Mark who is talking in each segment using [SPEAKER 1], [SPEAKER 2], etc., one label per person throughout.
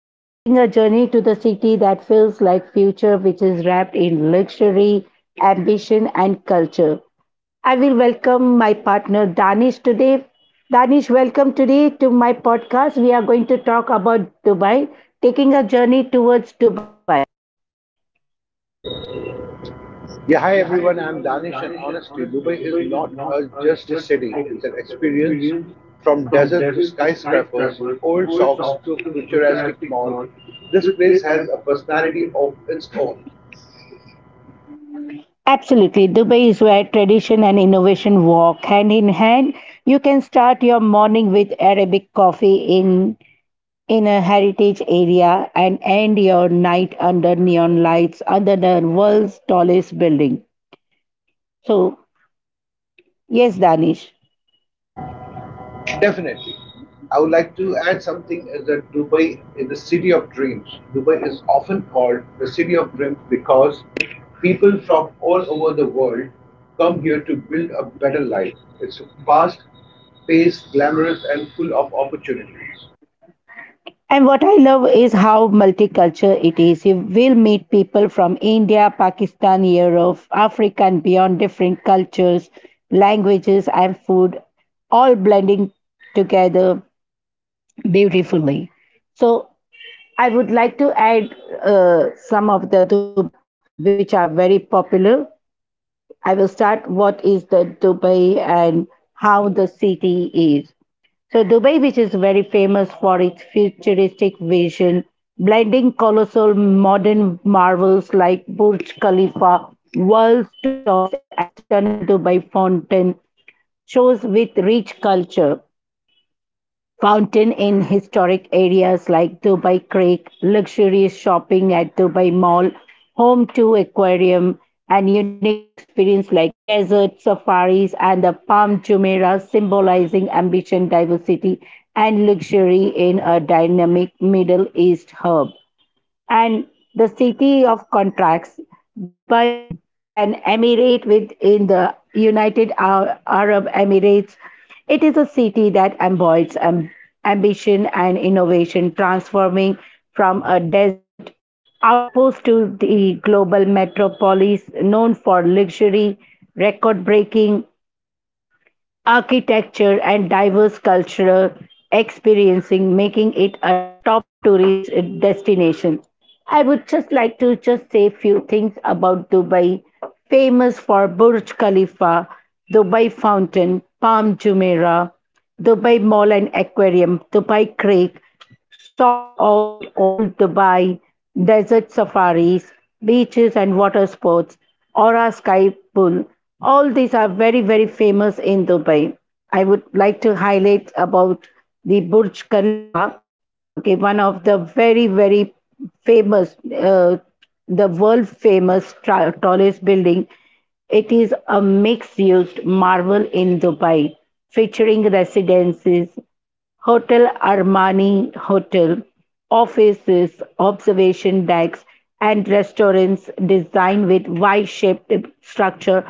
[SPEAKER 1] And taking a journey to the city that feels like future, which is wrapped in luxury, ambition, and culture. I will welcome my partner Danish today. Danish, welcome today to my podcast. We are going to talk about Dubai, taking a journey towards Dubai.
[SPEAKER 2] Yeah, hi everyone. I'm Danish, and honestly, Dubai is not a, just a city. It's an experience from desert to skyscrapers, old socks to futuristic mall. This place has a personality of its own.
[SPEAKER 1] Absolutely. Dubai is where tradition and innovation walk hand in hand. You can start your morning with Arabic coffee in a heritage area and end your night under neon lights under the world's tallest building. So, yes, Danish.
[SPEAKER 2] Definitely. I would like to add something is that Dubai is the city of dreams. Dubai is often called the city of dreams because people from all over the world come here to build a better life. It's fast paced, glamorous, and full of opportunities.
[SPEAKER 1] And what I love is how multicultural it is. You will meet people from India, Pakistan, Europe, Africa, and beyond different cultures, languages, and food, all blending together beautifully. So, I would like to add some of the Dubai, which are very popular. I will start what is the Dubai and how the city is. So Dubai, which is very famous for its futuristic vision, blending colossal modern marvels like Burj Khalifa, world's tallest and stunning Dubai fountain, shows with rich culture fountain in historic areas like Dubai Creek, luxurious shopping at Dubai Mall, home to aquarium, and unique experience like desert safaris and the Palm Jumeirah symbolizing ambition, diversity, and luxury in a dynamic Middle East hub and the city of contracts, Dubai, an emirate within the Arab Emirates. It is a city that embodies ambition and innovation, transforming from a desert outpost to the global metropolis known for luxury, record breaking architecture and diverse cultural experiencing making it a top tourist destination. I would just like to just say few things about Dubai, famous for Burj Khalifa, Dubai Fountain, Palm Jumeirah, Dubai Mall and Aquarium, Dubai Creek, Socks on Old Dubai, desert safaris, beaches and water sports, Aura Sky Pool. All these are very, very famous in Dubai. I would like to highlight about the Burj Khalifa, okay, one of the very, very famous, the world famous tallest building. It is a mixed used marvel in Dubai, featuring residences, Hotel Armani Hotel, offices, observation decks, and restaurants designed with Y-shaped structure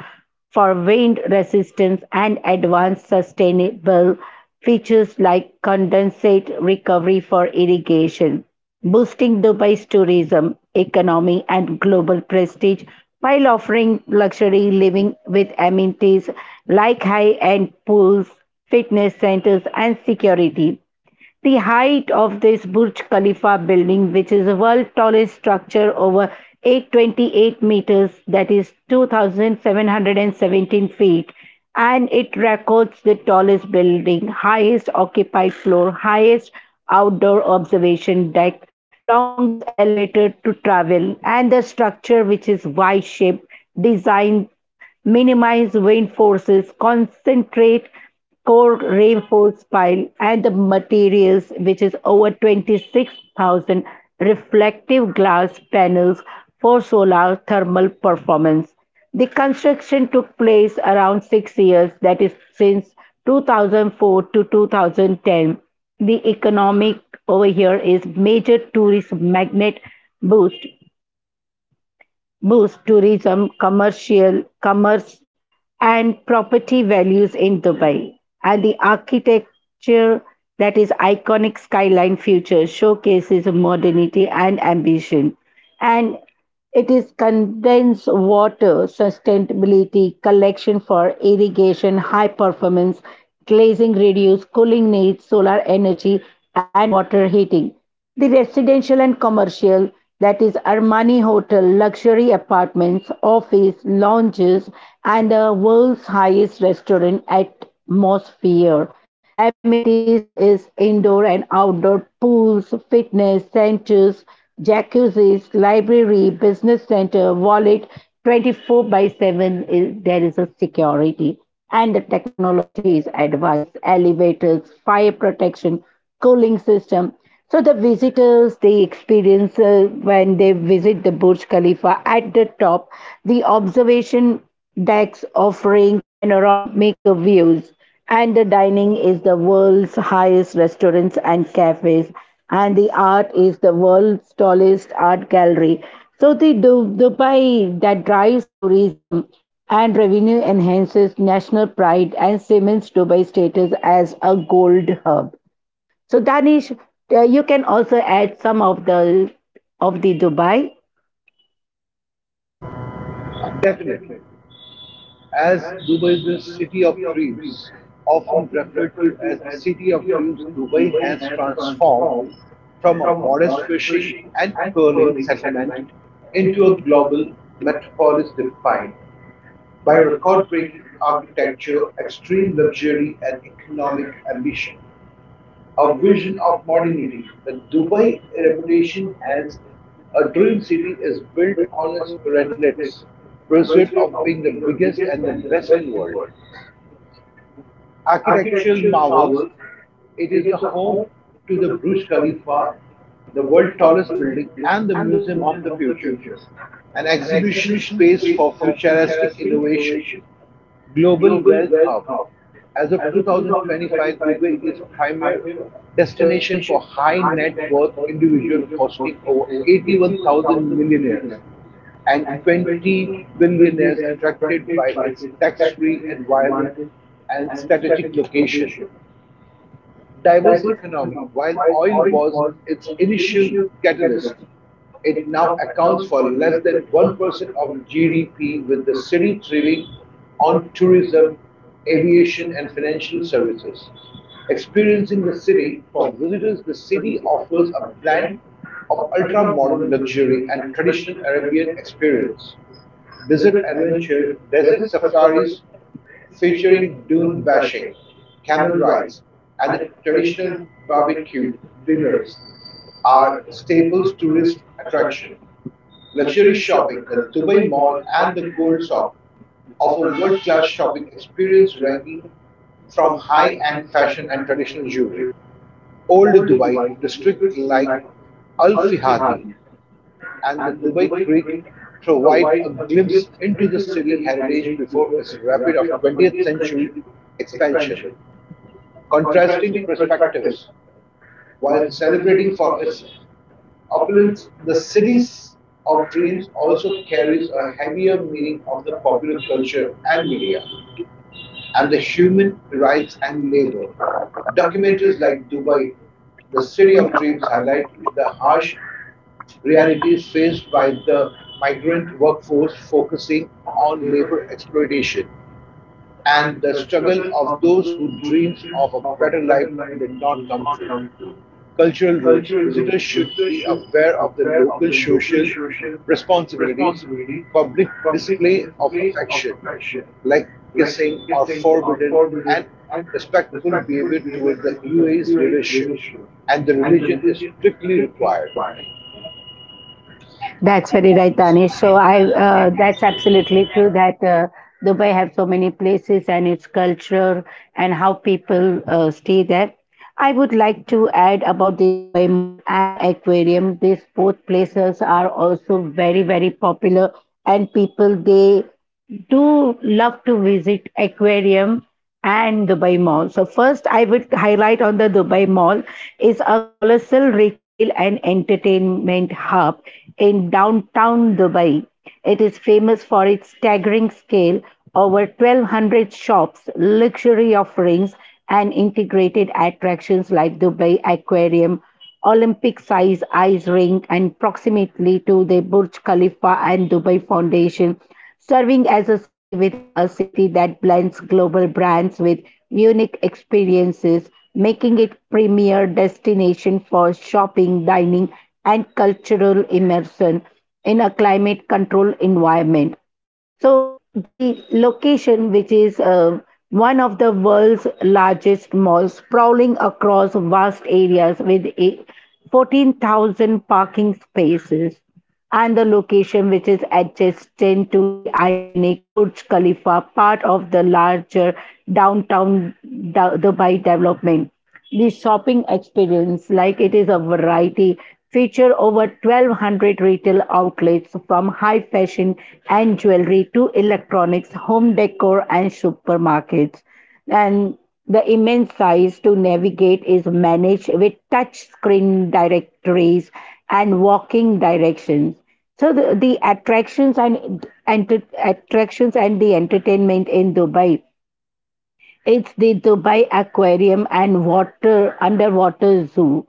[SPEAKER 1] for wind resistance and advanced sustainable features like condensate recovery for irrigation, boosting Dubai's tourism, economy, and global prestige while offering luxury living with amenities like high-end pools, fitness centers, and security. The height of this Burj Khalifa building, which is the world's tallest structure, over 828 meters, that is 2,717 feet, and it records the tallest building, highest occupied floor, highest outdoor observation deck, longest elevator to travel, and the structure, which is Y shaped, designed minimize wind forces, concentrate core reinforce pile, and the materials which is over 26,000 reflective glass panels for solar thermal performance. The construction took place around 6 years, that is since 2004 to 2010. The economic over here is world's highest restaurant atmosphere. Amenities is indoor and outdoor pools, fitness centers, jacuzzis, library, business center, wallet. 24 by 7, is, there is a security, and the technology is advanced elevators, fire protection, cooling system. So the visitors they experience when they visit the Burj Khalifa at the top, the observation decks offering panoramic views, and the dining is the world's highest restaurants and cafes, and the art is the world's tallest art gallery. So the Dubai that drives tourism and revenue enhances national pride and cements Dubai status as a gold hub. So Danish, you can also add some of the Dubai.
[SPEAKER 2] Definitely. As Dubai is the city of dreams, often referred to as the city of dreams, Dubai has transformed from a modest fishing and pearling settlement into a global metropolis defined by record breaking architecture, extreme luxury, and economic ambition, a vision of modernity. The Dubai reputation as a dream city is built on its relentless pursuit of being the biggest and the best in the world. Architectural marvels, it is the home to the Burj Khalifa, the world's tallest building, and the Museum of the Future, an exhibition space for futuristic innovation. Global Wealth Hub. As of 2025, Dubai is primary destination for high net worth individuals hosting over 81,000 millionaires and 20 billionaires attracted by its tax-free environment and strategic location, diverse economy. While oil was its initial catalyst, it now accounts for less than 1% of GDP, with the city thriving on tourism, aviation, and financial services. Experiencing the city for visitors, the city offers a blend of ultra modern luxury and traditional Arabian experience. Desert adventure, desert safaris, featuring dune bashing, camel rides, and the traditional barbecue dinners are staples tourist attraction. Luxury shopping, the Dubai Mall and the Gold Sock offer world-class shopping experience ranging from high-end fashion and traditional jewelry. Old Dubai district like Al Fihadi and the Dubai Creek provide a glimpse into the city heritage before its rapid of 20th century expansion. Contrasting perspectives. While celebrating for its opulence, the cities of dreams also carries a heavier meaning of the popular culture and media and the human rights and labor. Documentaries like Dubai, the city of dreams, highlight the harsh realities faced by the migrant workforce, focusing on labor exploitation and the struggle of those whose dreams of a better life did not come true. Cultural rules. Visitors should be aware of the local social responsibilities, public display of affection, like kissing are forbidden, and respectful behavior towards the UAE's leadership, and the religion is strictly required.
[SPEAKER 1] That's very right, Danish. So I, that's absolutely true that Dubai have so many places and its culture and how people stay there. I would like to add about the Dubai Mall and Aquarium. These both places are also very very popular and people they do love to visit aquarium and Dubai Mall. So first I would highlight on the Dubai Mall. Is a colossal retail and entertainment hub in downtown Dubai. It is famous for its staggering scale, over 1,200 shops, luxury offerings, and integrated attractions like Dubai Aquarium, Olympic sized ice rink, and proximately to the Burj Khalifa and Dubai Foundation, serving as a city within a city that blends global brands with unique experiences, making it premier destination for shopping, dining and cultural immersion in a climate controlled environment. So the location, which is one of the world's largest malls, sprawling across vast areas with a 14,000 parking spaces, and the location, which is adjacent to the iconic Burj Khalifa, part of the larger downtown Dubai development. The shopping experience, like it is a variety, feature over 1,200 retail outlets from high fashion and jewelry to electronics, home decor and supermarkets. And the immense size to navigate is managed with touch screen directories and walking directions. So the attractions and attractions and the entertainment in Dubai, it's the Dubai Aquarium and Water Underwater Zoo,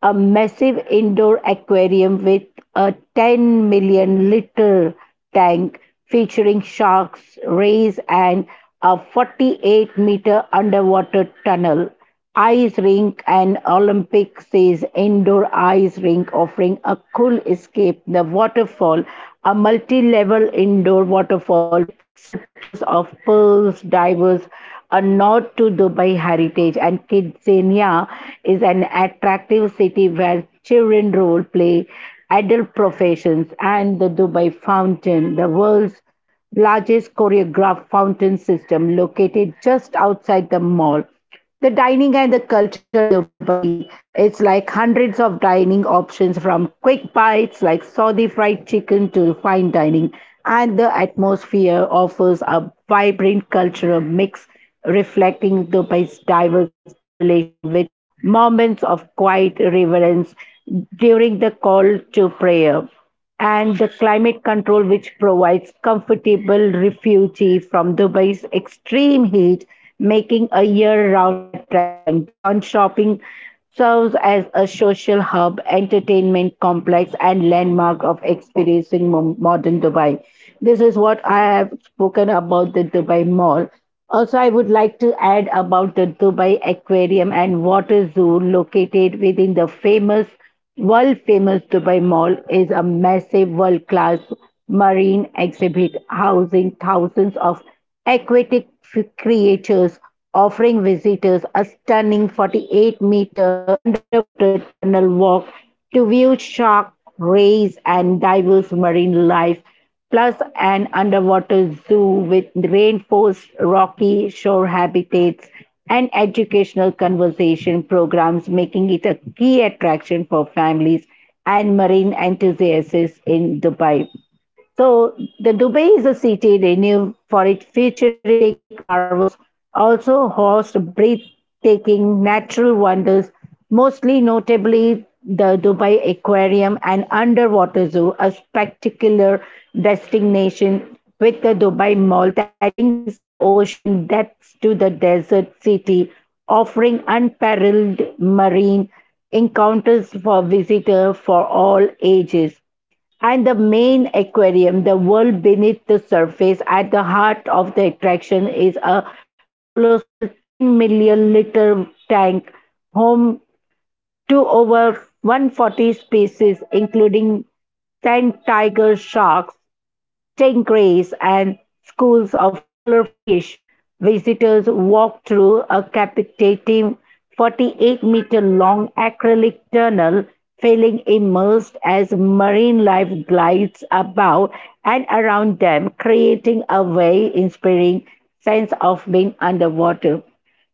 [SPEAKER 1] a massive indoor aquarium with a 10 million liter tank featuring sharks, rays, and a 48-meter underwater tunnel. Ice rink and Olympic says indoor ice rink offering a cool escape. The waterfall, a multi level indoor waterfall with sculptures of pearls, divers, a nod to Dubai heritage. And Kidzania is an attractive city where children role play, adult professions, and the Dubai Fountain, the world's largest choreographed fountain system located just outside the mall. The dining and the culture in Dubai, it's like hundreds of dining options from quick bites like Saudi fried chicken to fine dining. And the atmosphere offers a vibrant cultural mix reflecting Dubai's diverse population with moments of quiet reverence during the call to prayer, and the climate control, which provides comfortable refuge from Dubai's extreme heat, making a year round attraction. Beyond shopping, serves as a social hub, entertainment complex, and landmark of experiencing modern Dubai. This is what I have spoken about the Dubai Mall. Also, I would like to add about the Dubai Aquarium and Water Zoo located within the famous world famous Dubai Mall. Is a massive world class marine exhibit housing thousands of aquatic creatures, offering visitors a stunning 48-meter underwater tunnel walk to view shark rays and diverse marine life plus an underwater zoo with reinforced rocky shore habitats and educational conservation programs, making it a key attraction for families and marine enthusiasts in Dubai. So the Dubai is a city renowned for its futuristic marvels, also hosts breathtaking natural wonders, mostly notably the Dubai Aquarium and Underwater Zoo, a spectacular destination with the Dubai Mall that brings the ocean depths to the desert city, offering unparalleled marine encounters for visitors for all ages. And the main aquarium, the world beneath the surface, at the heart of the attraction is a colossal 10 million liter tank home to over 140 species, including sand tiger sharks, tank race, and schools of color fish. Visitors walk through a captivating 48-meter long acrylic tunnel, feeling immersed as marine life glides about and around them, creating a very inspiring sense of being underwater.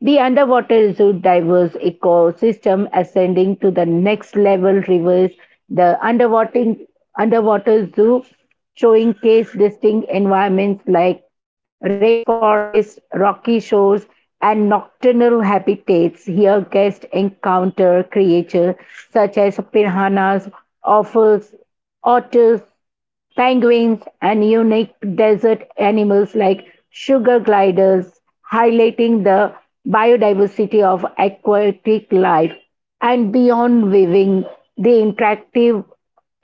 [SPEAKER 1] The underwater zoo diverse ecosystem ascending to the next level rivers. The underwater zoo showcase distinct environments like rainforests, rocky shores, and nocturnal habitats. Here, guests encounter creatures such as piranhas, offals, otters, penguins, and unique desert animals like sugar gliders, highlighting the biodiversity of aquatic life. And beyond viewing, the interactive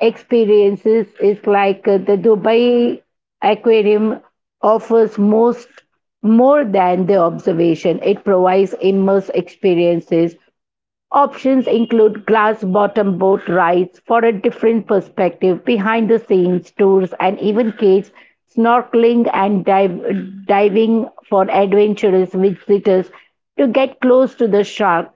[SPEAKER 1] experiences is like the Dubai Aquarium offers most more than the observation. It provides immersive experiences. Options include glass-bottom boat rides for a different perspective, behind-the-scenes tours, and even cage snorkeling and diving for adventurous visitors to get close to the shark.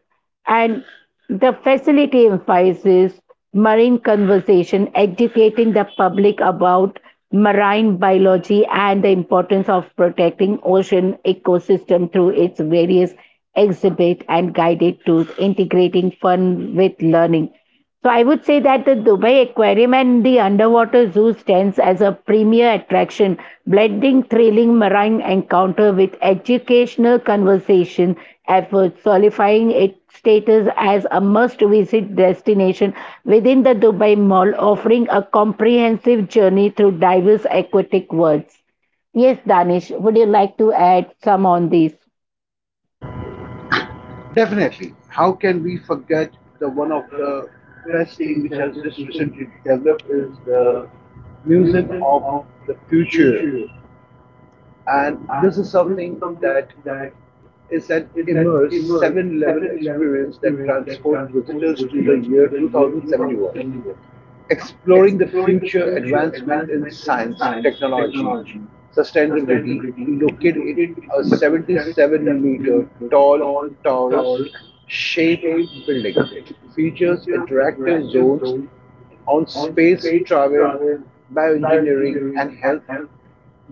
[SPEAKER 1] And the facility emphasizes marine conservation, educating the public about marine biology and the importance of protecting ocean ecosystem through its various exhibit and guided tours, integrating fun with learning. So I would say that the Dubai Aquarium and the underwater zoo stands as a premier attraction, blending thrilling marine encounter with educational conversation and for solidifying its status as a must-visit destination within the Dubai Mall, offering a comprehensive journey through diverse aquatic worlds. Yes, Danish, would you like to add some on this?
[SPEAKER 2] Definitely. How can we forget, the one of the best thing which has just recently developed is the Museum of the Future, and this is something that is an immersive seven-level experience that transports visitors to the year 2071 exploring the future advancement in science, technology, sustainability located in a 77-meter tall torus shaped building. It features interactive zones on space travel, bioengineering, and health,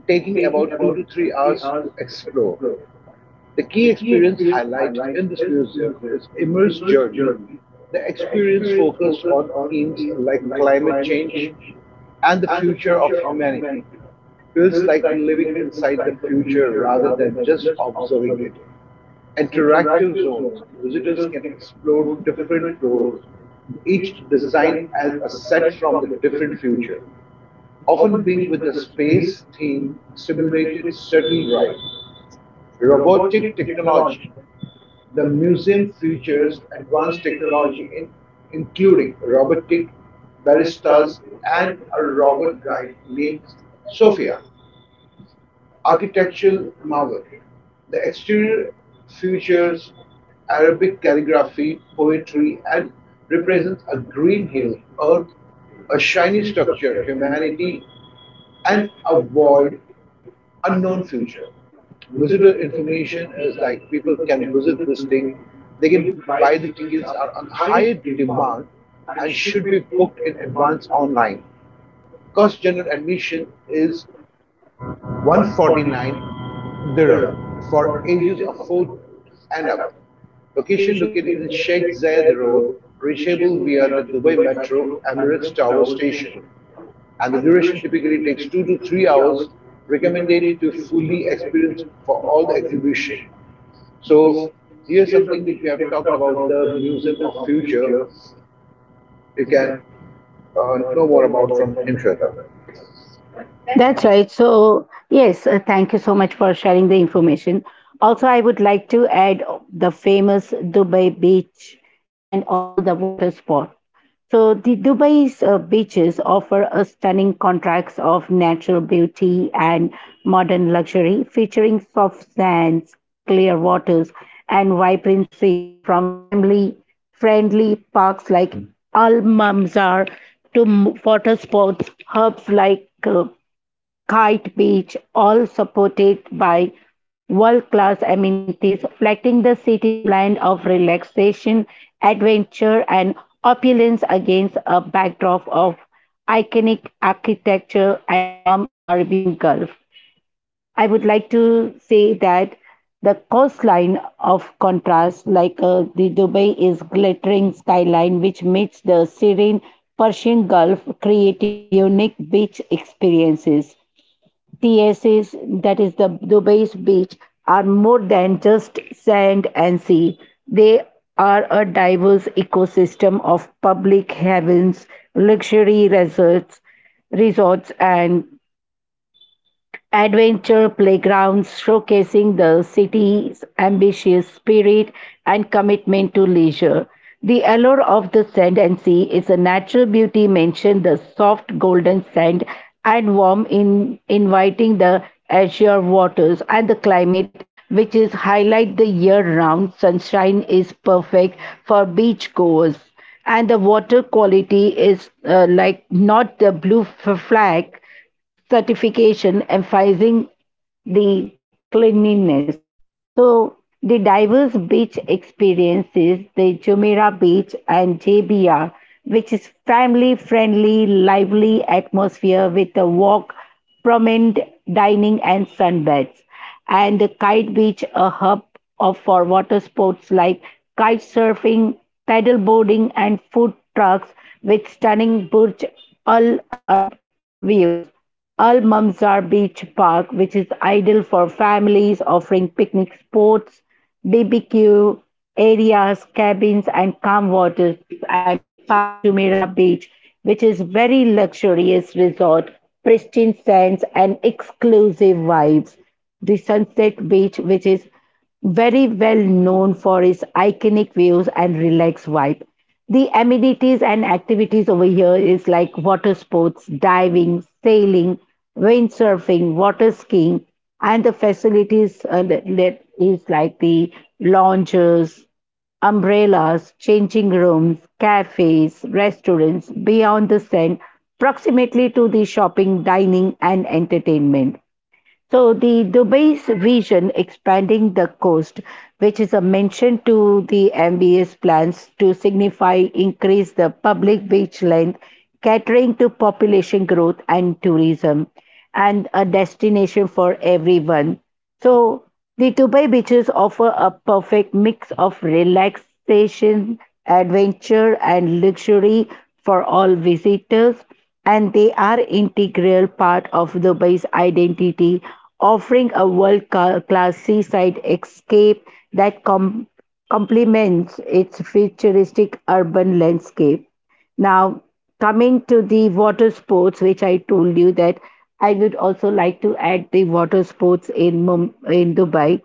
[SPEAKER 2] taking about 2 to 3 hours to explore. The key experience highlight in this museum is Immer's journey. The experience focused on themes like climate change and the future of humanity. Feels like living inside the future rather than just observing it. Interactive zones, visitors can explore different floors, each designed as a set from the different future. Often being with the space theme simulated certain ride robotic technology. The museum features advanced technology in, including robotic baristas and a robot guide named Sophia, architectural marvel. The exterior features Arabic calligraphy, poetry, and represents a green hill, earth, a shiny structure, humanity, and a void, unknown future. Visitor information is like people can visit this thing, they can buy the tickets are on high demand and should be booked in advance online. Cost general admission is 149 dirham for ages of food and up. Location located in Sheikh Zayed Road, reachable via the Dubai Metro Emirates Tower Station. And the duration typically takes 2 to 3 hours, recommended to fully experience for all the exhibition. So here's something which we have talked about the Museum of Future. You can know more about from Himshweta. That's
[SPEAKER 1] That's
[SPEAKER 2] right.
[SPEAKER 1] right. So, yes, thank you so much for sharing the information. Also, I would like to add the famous Dubai beach and also the water sport. So, the Dubai's beaches offer a stunning contrast of natural beauty and modern luxury, featuring soft sands, clear waters, and vibrant scenes from family friendly parks like Al Mamzar to water sports hubs like Kite Beach, all supported by world class amenities, reflecting the city's blend of relaxation, adventure, and opulence against a backdrop of iconic architecture and warm Arabian Gulf. I would like to say that the coastline of contrast, like the Dubai, is glittering skyline, which meets the serene Persian Gulf, creating unique beach experiences. TSAs, that is the Dubai's beach, are more than just sand and sea. They are a diverse ecosystem of public havens, luxury resorts, and adventure playgrounds showcasing the city's ambitious spirit and commitment to leisure. The allure of the sand and sea is a natural beauty mentioned the soft golden sand and warm in inviting the azure waters and the climate which is highlight the year round sunshine is perfect for beachgoers, and the water quality is like not the blue flag certification emphasizing the cleanliness. So the diverse beach experiences, the Jumeirah Beach and JBR, which is family friendly, lively atmosphere with a walk, promenade, dining and sunbeds, and the Kite Beach, a hub for water sports like kite surfing, paddle boarding, and food trucks with stunning Burj Al Arab views. Al Mamzar Beach Park, which is ideal for families, offering picnic spots, BBQ areas, cabins, and calm waters, and the Palm Jumeirah Beach, which is very luxurious resort, pristine sands, and exclusive vibes, the Sunset Beach, which is very well known for its iconic views and relaxed vibe. The amenities and activities over here is like water sports, diving, sailing, windsurfing, water skiing, and the facilities that is like the lounges, umbrellas, changing rooms, cafes, restaurants beyond the sand, proximately to the shopping, dining, and entertainment. So the Dubai's vision expanding the coast, which is a mention to the MBS plans to signify increase the public beach length, catering to population growth and tourism, and a destination for everyone. So the Dubai beaches offer a perfect mix of relaxation, adventure, and luxury for all visitors, and they are integral part of Dubai's identity, offering a world-class seaside escape that complements its futuristic urban landscape. Now, coming to the water sports, which I told you that I would also like to add the water sports in in Dubai.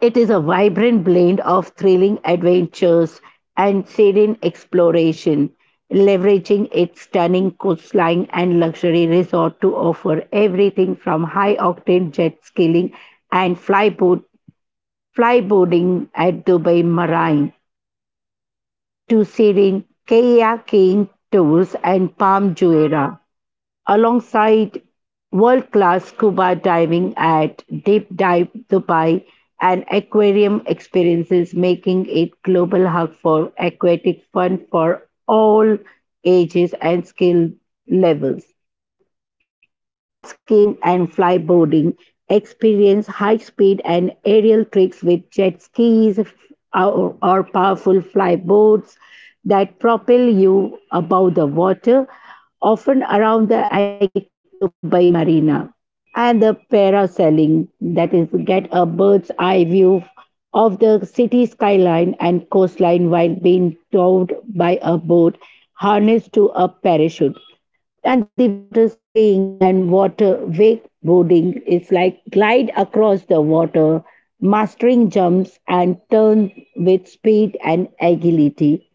[SPEAKER 1] It is a vibrant blend of thrilling adventures and serene exploration, leveraging its stunning coastline and luxury resort to offer everything from high octane jet skiing and flyboarding at Dubai Marine to serene kayaking tours and Palm Jumeirah, alongside world class scuba diving at Deep Dive Dubai and aquarium experiences, making it global hub for aquatic fun for all ages and skill levels. Jet skiing and flyboarding. Experience high speed and aerial tricks with jet skis or powerful flyboards that propel you above the water, often around the iconic Dubai Marina. And the parasailing, that is, get a bird's eye view of the city skyline and coastline while being towed by a boat harnessed to a parachute, and the water skiing and water wakeboarding is like glide across the water, mastering jumps and turns with speed and agility.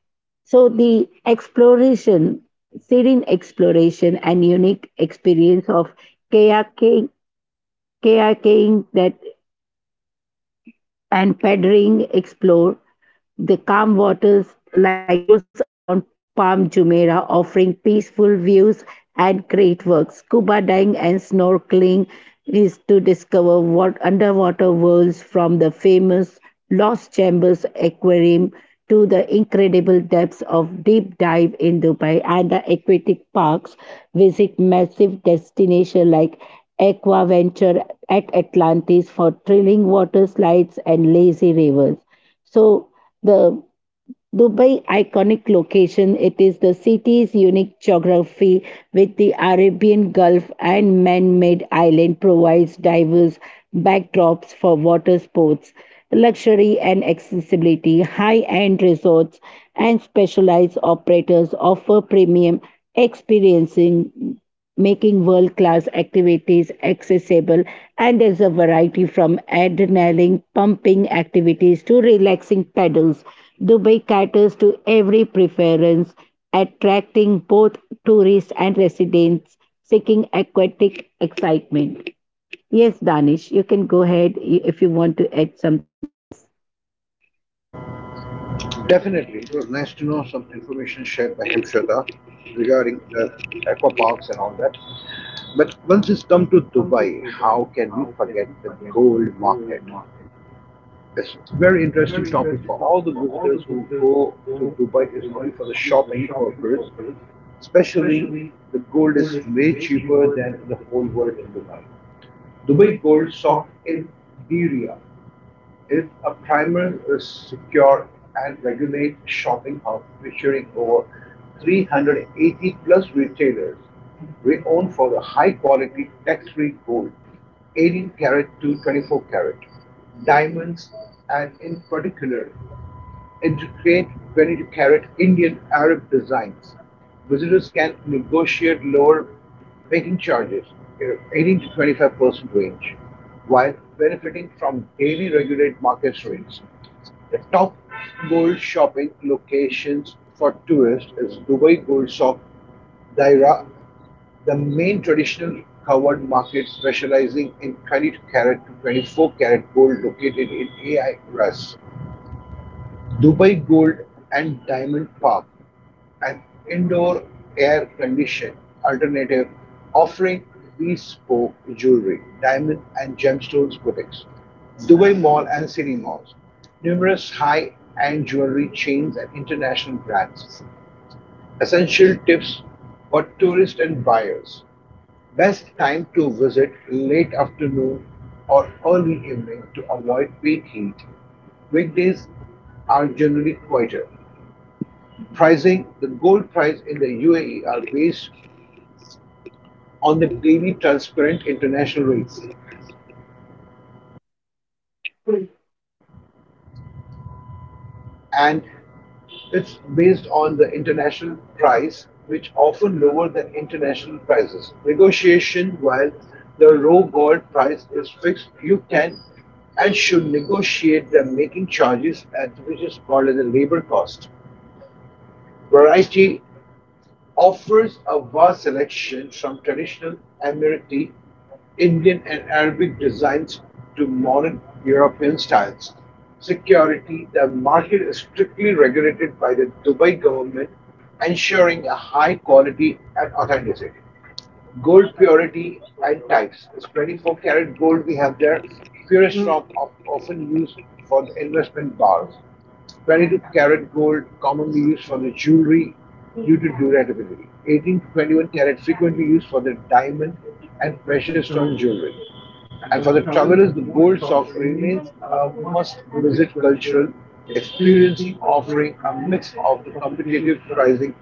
[SPEAKER 1] So the exploration, serene exploration and unique experience of kayaking, kayaking that and paddling explore the calm waters like those around Palm Jumeirah, offering peaceful views and great works. Scuba diving and snorkeling is to discover what underwater worlds from the famous Lost Chambers Aquarium to the incredible depths of deep dive in Dubai and the aquatic parks. Visit massive destinations like Aquaventure at Atlantis for thrilling water slides and lazy rivers. So the Dubai iconic location, it is the city's unique geography with the Arabian Gulf and man-made island provides diverse backdrops for water sports, luxury and accessibility, high-end resorts and specialized operators offer premium experiencing, making world class activities accessible. And there's a variety from adrenaline pumping activities to relaxing paddles. Dubai caters to every preference, attracting both tourists and residents seeking aquatic excitement. Yes, Danish, you can go ahead if you want to add some.
[SPEAKER 2] Definitely. It was nice to know some information shared by Hemshweta regarding the aqua parks and all that. But once it's come to Dubai, how can we forget the gold market? It's a very interesting topic for all the visitors who go to Dubai is only for the shopping purpose. Especially, the gold is way cheaper than in the whole world in Dubai. Dubai gold socked in Diriyah is a primer, secure and regulate shopping hub featuring over 380 plus retailers, renowned for the high quality tax-free gold, 18 karat to 24 karat, diamonds and in particular and to create 22 carat Indian Arab designs, visitors can negotiate lower making charges in 18 to 25% range, while benefiting from daily regulated market rates. The top gold shopping locations for tourists is Dubai Gold Shop, Daira, the main traditional covered market specializing in 22 carat to 24 carat gold located in AI Ras. Dubai Gold and Diamond Park, an indoor air conditioned alternative offering bespoke jewelry, diamond and gemstones boutiques, Dubai Mall and City Malls, numerous high end jewelry chains and international brands. Essential tips for tourists and buyers. Best time to visit late afternoon or early evening to avoid peak heat. Weekdays are generally quieter. Pricing: the gold price in the UAE are based on the daily transparent international rates. And it's based on the international price, which often lower than international prices. Negotiation, while the raw gold price is fixed, you can and should negotiate the making charges at which is called as a labor cost. Variety offers a vast selection from traditional Emirati, Indian and Arabic designs to modern European styles. Security: the market is strictly regulated by the Dubai government, ensuring a high quality and authenticity gold purity and types. It's 24 karat gold we have there, purest form of often used for the investment bars. 22 karat gold commonly used for the jewelry due to durability. 18 to 21 karat frequently used for the diamond and precious stone jewelry. And for the travelers, the gold soft remains a must-visit cultural experiencing, offering a mix of the competitive pricing,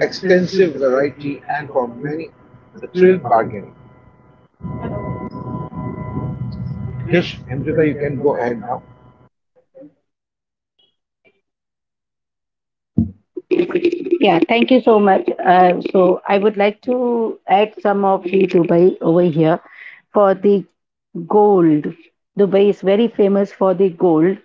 [SPEAKER 2] extensive variety, and for many it's a thrill bargain. Yes, Amrita, you can go ahead now.
[SPEAKER 1] Yeah, thank you so much. So I would like to add some of the Dubai over here for the gold. Dubai is very famous for the gold.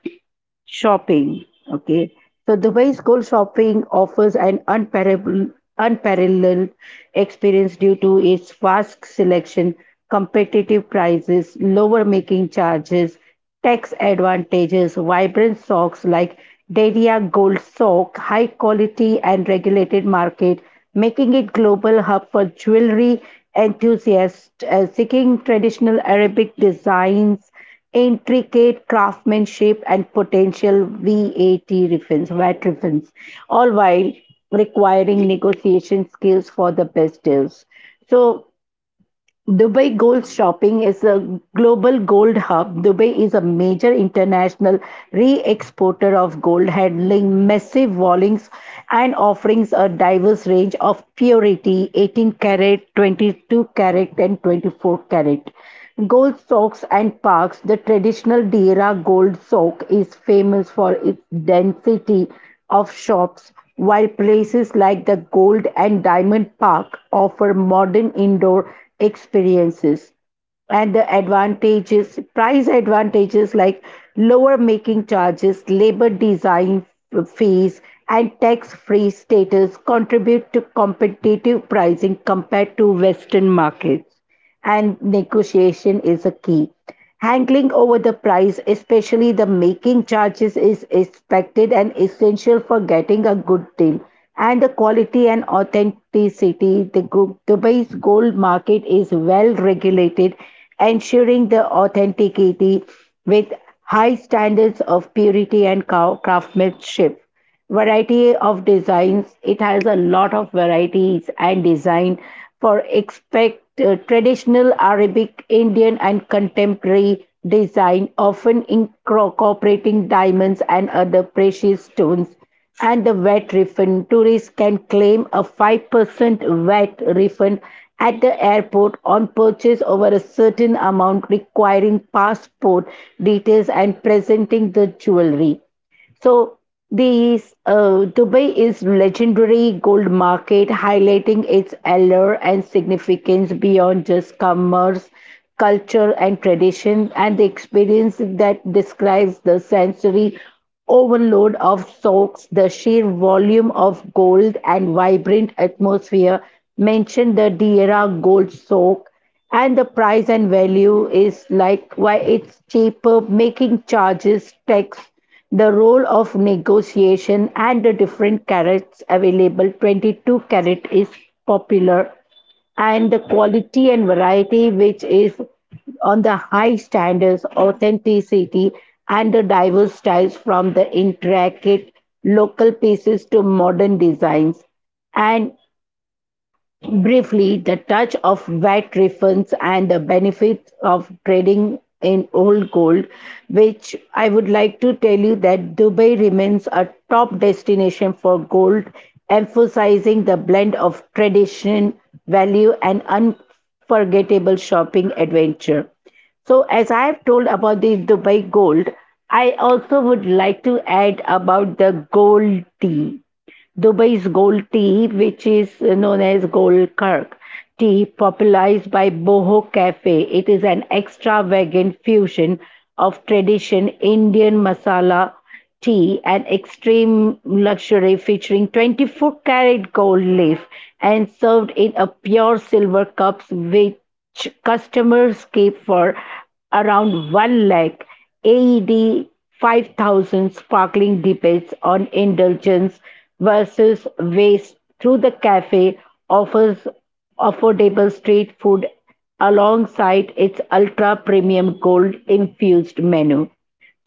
[SPEAKER 1] Shopping, okay. So Dubai's Gold Shopping offers an unparalleled experience due to its vast selection, competitive prices, lower making charges, tax advantages, vibrant stocks like Deria Gold Sock, high quality and regulated market, making it global hub for jewelry enthusiasts seeking traditional Arabic designs, intricate craftsmanship and potential VAT refunds, all while requiring negotiation skills for the best deals. So Dubai Gold Shopping is a global gold hub. Dubai is a major international re exporter of gold, handling massive volumes and offering a diverse range of purity, 18 carat, 22 carat, and 24 carat. Gold socks and parks. The traditional Deira gold sock is famous for its density, of shops, while places like the Gold and Diamond Park offer modern indoor experiences. And the advantages, price advantages like lower making charges, labor design fees, and tax free status contribute to competitive pricing compared to Western markets. And negotiation is a key. Hankling over the price, especially the making charges, is expected and essential for getting a good deal. And the quality and authenticity, the group Dubai's gold market is well regulated, ensuring the authenticity with high standards of purity and craftsmanship, variety of designs, it has a lot of varieties and design for expect traditional arabic indian and contemporary design often incorporating diamonds and other precious stones, and the VAT refund, tourists can claim a 5% VAT refund at the airport on purchase over a certain amount requiring passport details and presenting the jewelry. So these Dubai is legendary gold market, highlighting its allure and significance beyond just commerce, culture, and tradition, and the experience that describes the sensory overload of soaks, the sheer volume of gold, and vibrant atmosphere. Mention the Diera Gold Soak, and the price and value is like why it's cheaper, making charges tax, the role of negotiation and the different carats available, 22 carat is popular, and the quality and variety which is on the high standards, authenticity and the diverse styles from the intricate local pieces to modern designs, and briefly, the touch of VAT refunds and the benefits of trading in old gold, which I would like to tell you that Dubai remains a top destination for gold, emphasizing the blend of tradition, value, and unforgettable shopping adventure. So, as I have told about the Dubai gold, I also would like to add about the gold tea. Dubai's gold tea, which is known as gold kirk tea, popularized by Boho Cafe. It is an extravagant fusion of tradition Indian masala tea and extreme luxury featuring 24 karat gold leaf and served in a pure silver cups which customers keep for around 1 lakh AED 5,000 sparkling debates on indulgence versus waste through the cafe offers affordable street food alongside its ultra premium gold infused menu.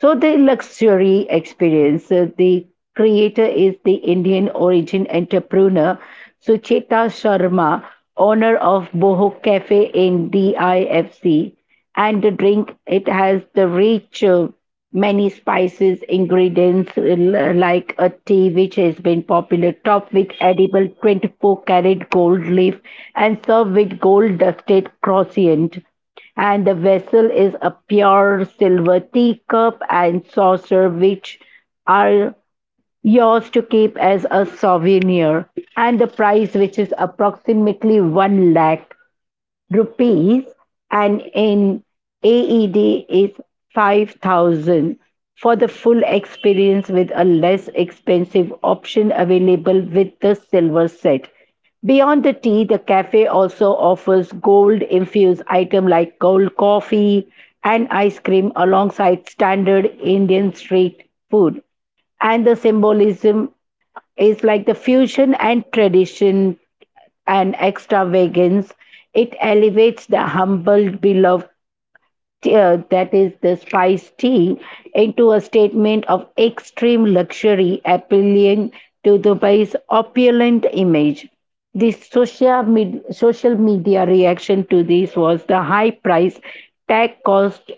[SPEAKER 1] So the luxury experience, the creator is the Indian origin entrepreneur Sucheta Sharma, owner of Boho Cafe in DIFC. And the drink, it has the rich, many spices, ingredients like a tea which has been popular, topped with edible 24 karat gold leaf and served with gold dusted croissant, and the vessel is a pure silver teacup and saucer which are yours to keep as a souvenir, and the price which is approximately 1 lakh rupees and in AED is 5,000 for the full experience with a less expensive option available with the silver set. Beyond the tea, the cafe also offers gold infused items like gold coffee and ice cream alongside standard Indian street food. And the symbolism is like the fusion and tradition and extravagance, it elevates the humble beloved that is the spice tea into a statement of extreme luxury appealing to Dubai's opulent image. The social, social media reaction to this was the high price tag caused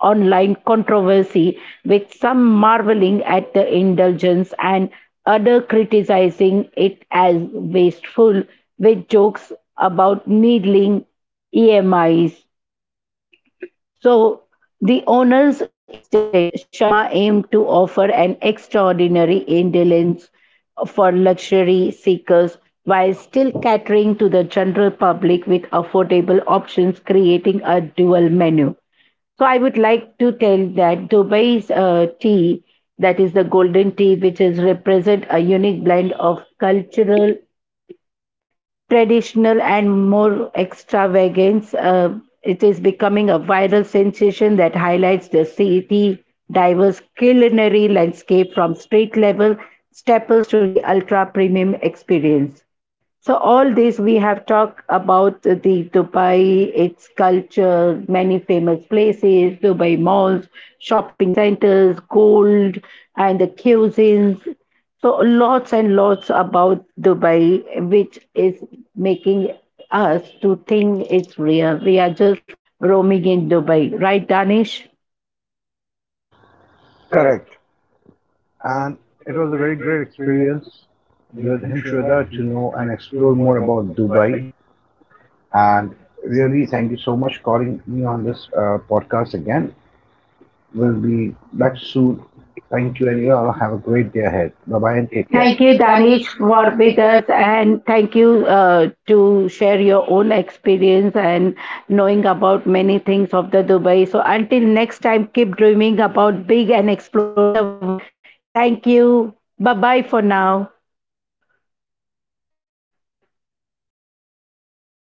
[SPEAKER 1] online controversy, with some marveling at the indulgence and other criticizing it as wasteful, with jokes about needling EMIs. So, the owner's instinct, Sharma aimed to offer an extraordinary indulgence for luxury seekers while still catering to the general public with affordable options, creating a dual menu. So, I would like to tell that Dubai's tea, that is the golden tea, which is represent a unique blend of cultural traditional and more extravagance. It is becoming a viral sensation that highlights the city diverse culinary landscape from street level staples to the ultra premium experience. So all this we have talked about the Dubai, its culture, many famous places, Dubai malls, shopping centers, gold, and the cuisines. So lots and lots about Dubai, which is making us to think it's real. We are just roaming in Dubai, right, Danish?
[SPEAKER 2] Correct. And it was a very great experience with Himshweta to know and explore more about Dubai. And really, thank you so much for calling me on this podcast again. We'll be back soon. Thank you, and you all have a great day ahead. Bye bye and take care.
[SPEAKER 1] Thank
[SPEAKER 2] Thank
[SPEAKER 1] you,
[SPEAKER 2] you,
[SPEAKER 1] Danish,
[SPEAKER 2] Danish,
[SPEAKER 1] for
[SPEAKER 2] for
[SPEAKER 1] with
[SPEAKER 2] with
[SPEAKER 1] us, and thank you to share your own experience and knowing about many things of the Dubai. So until next time, keep dreaming about big and exploring the world. Thank you. Bye bye for now.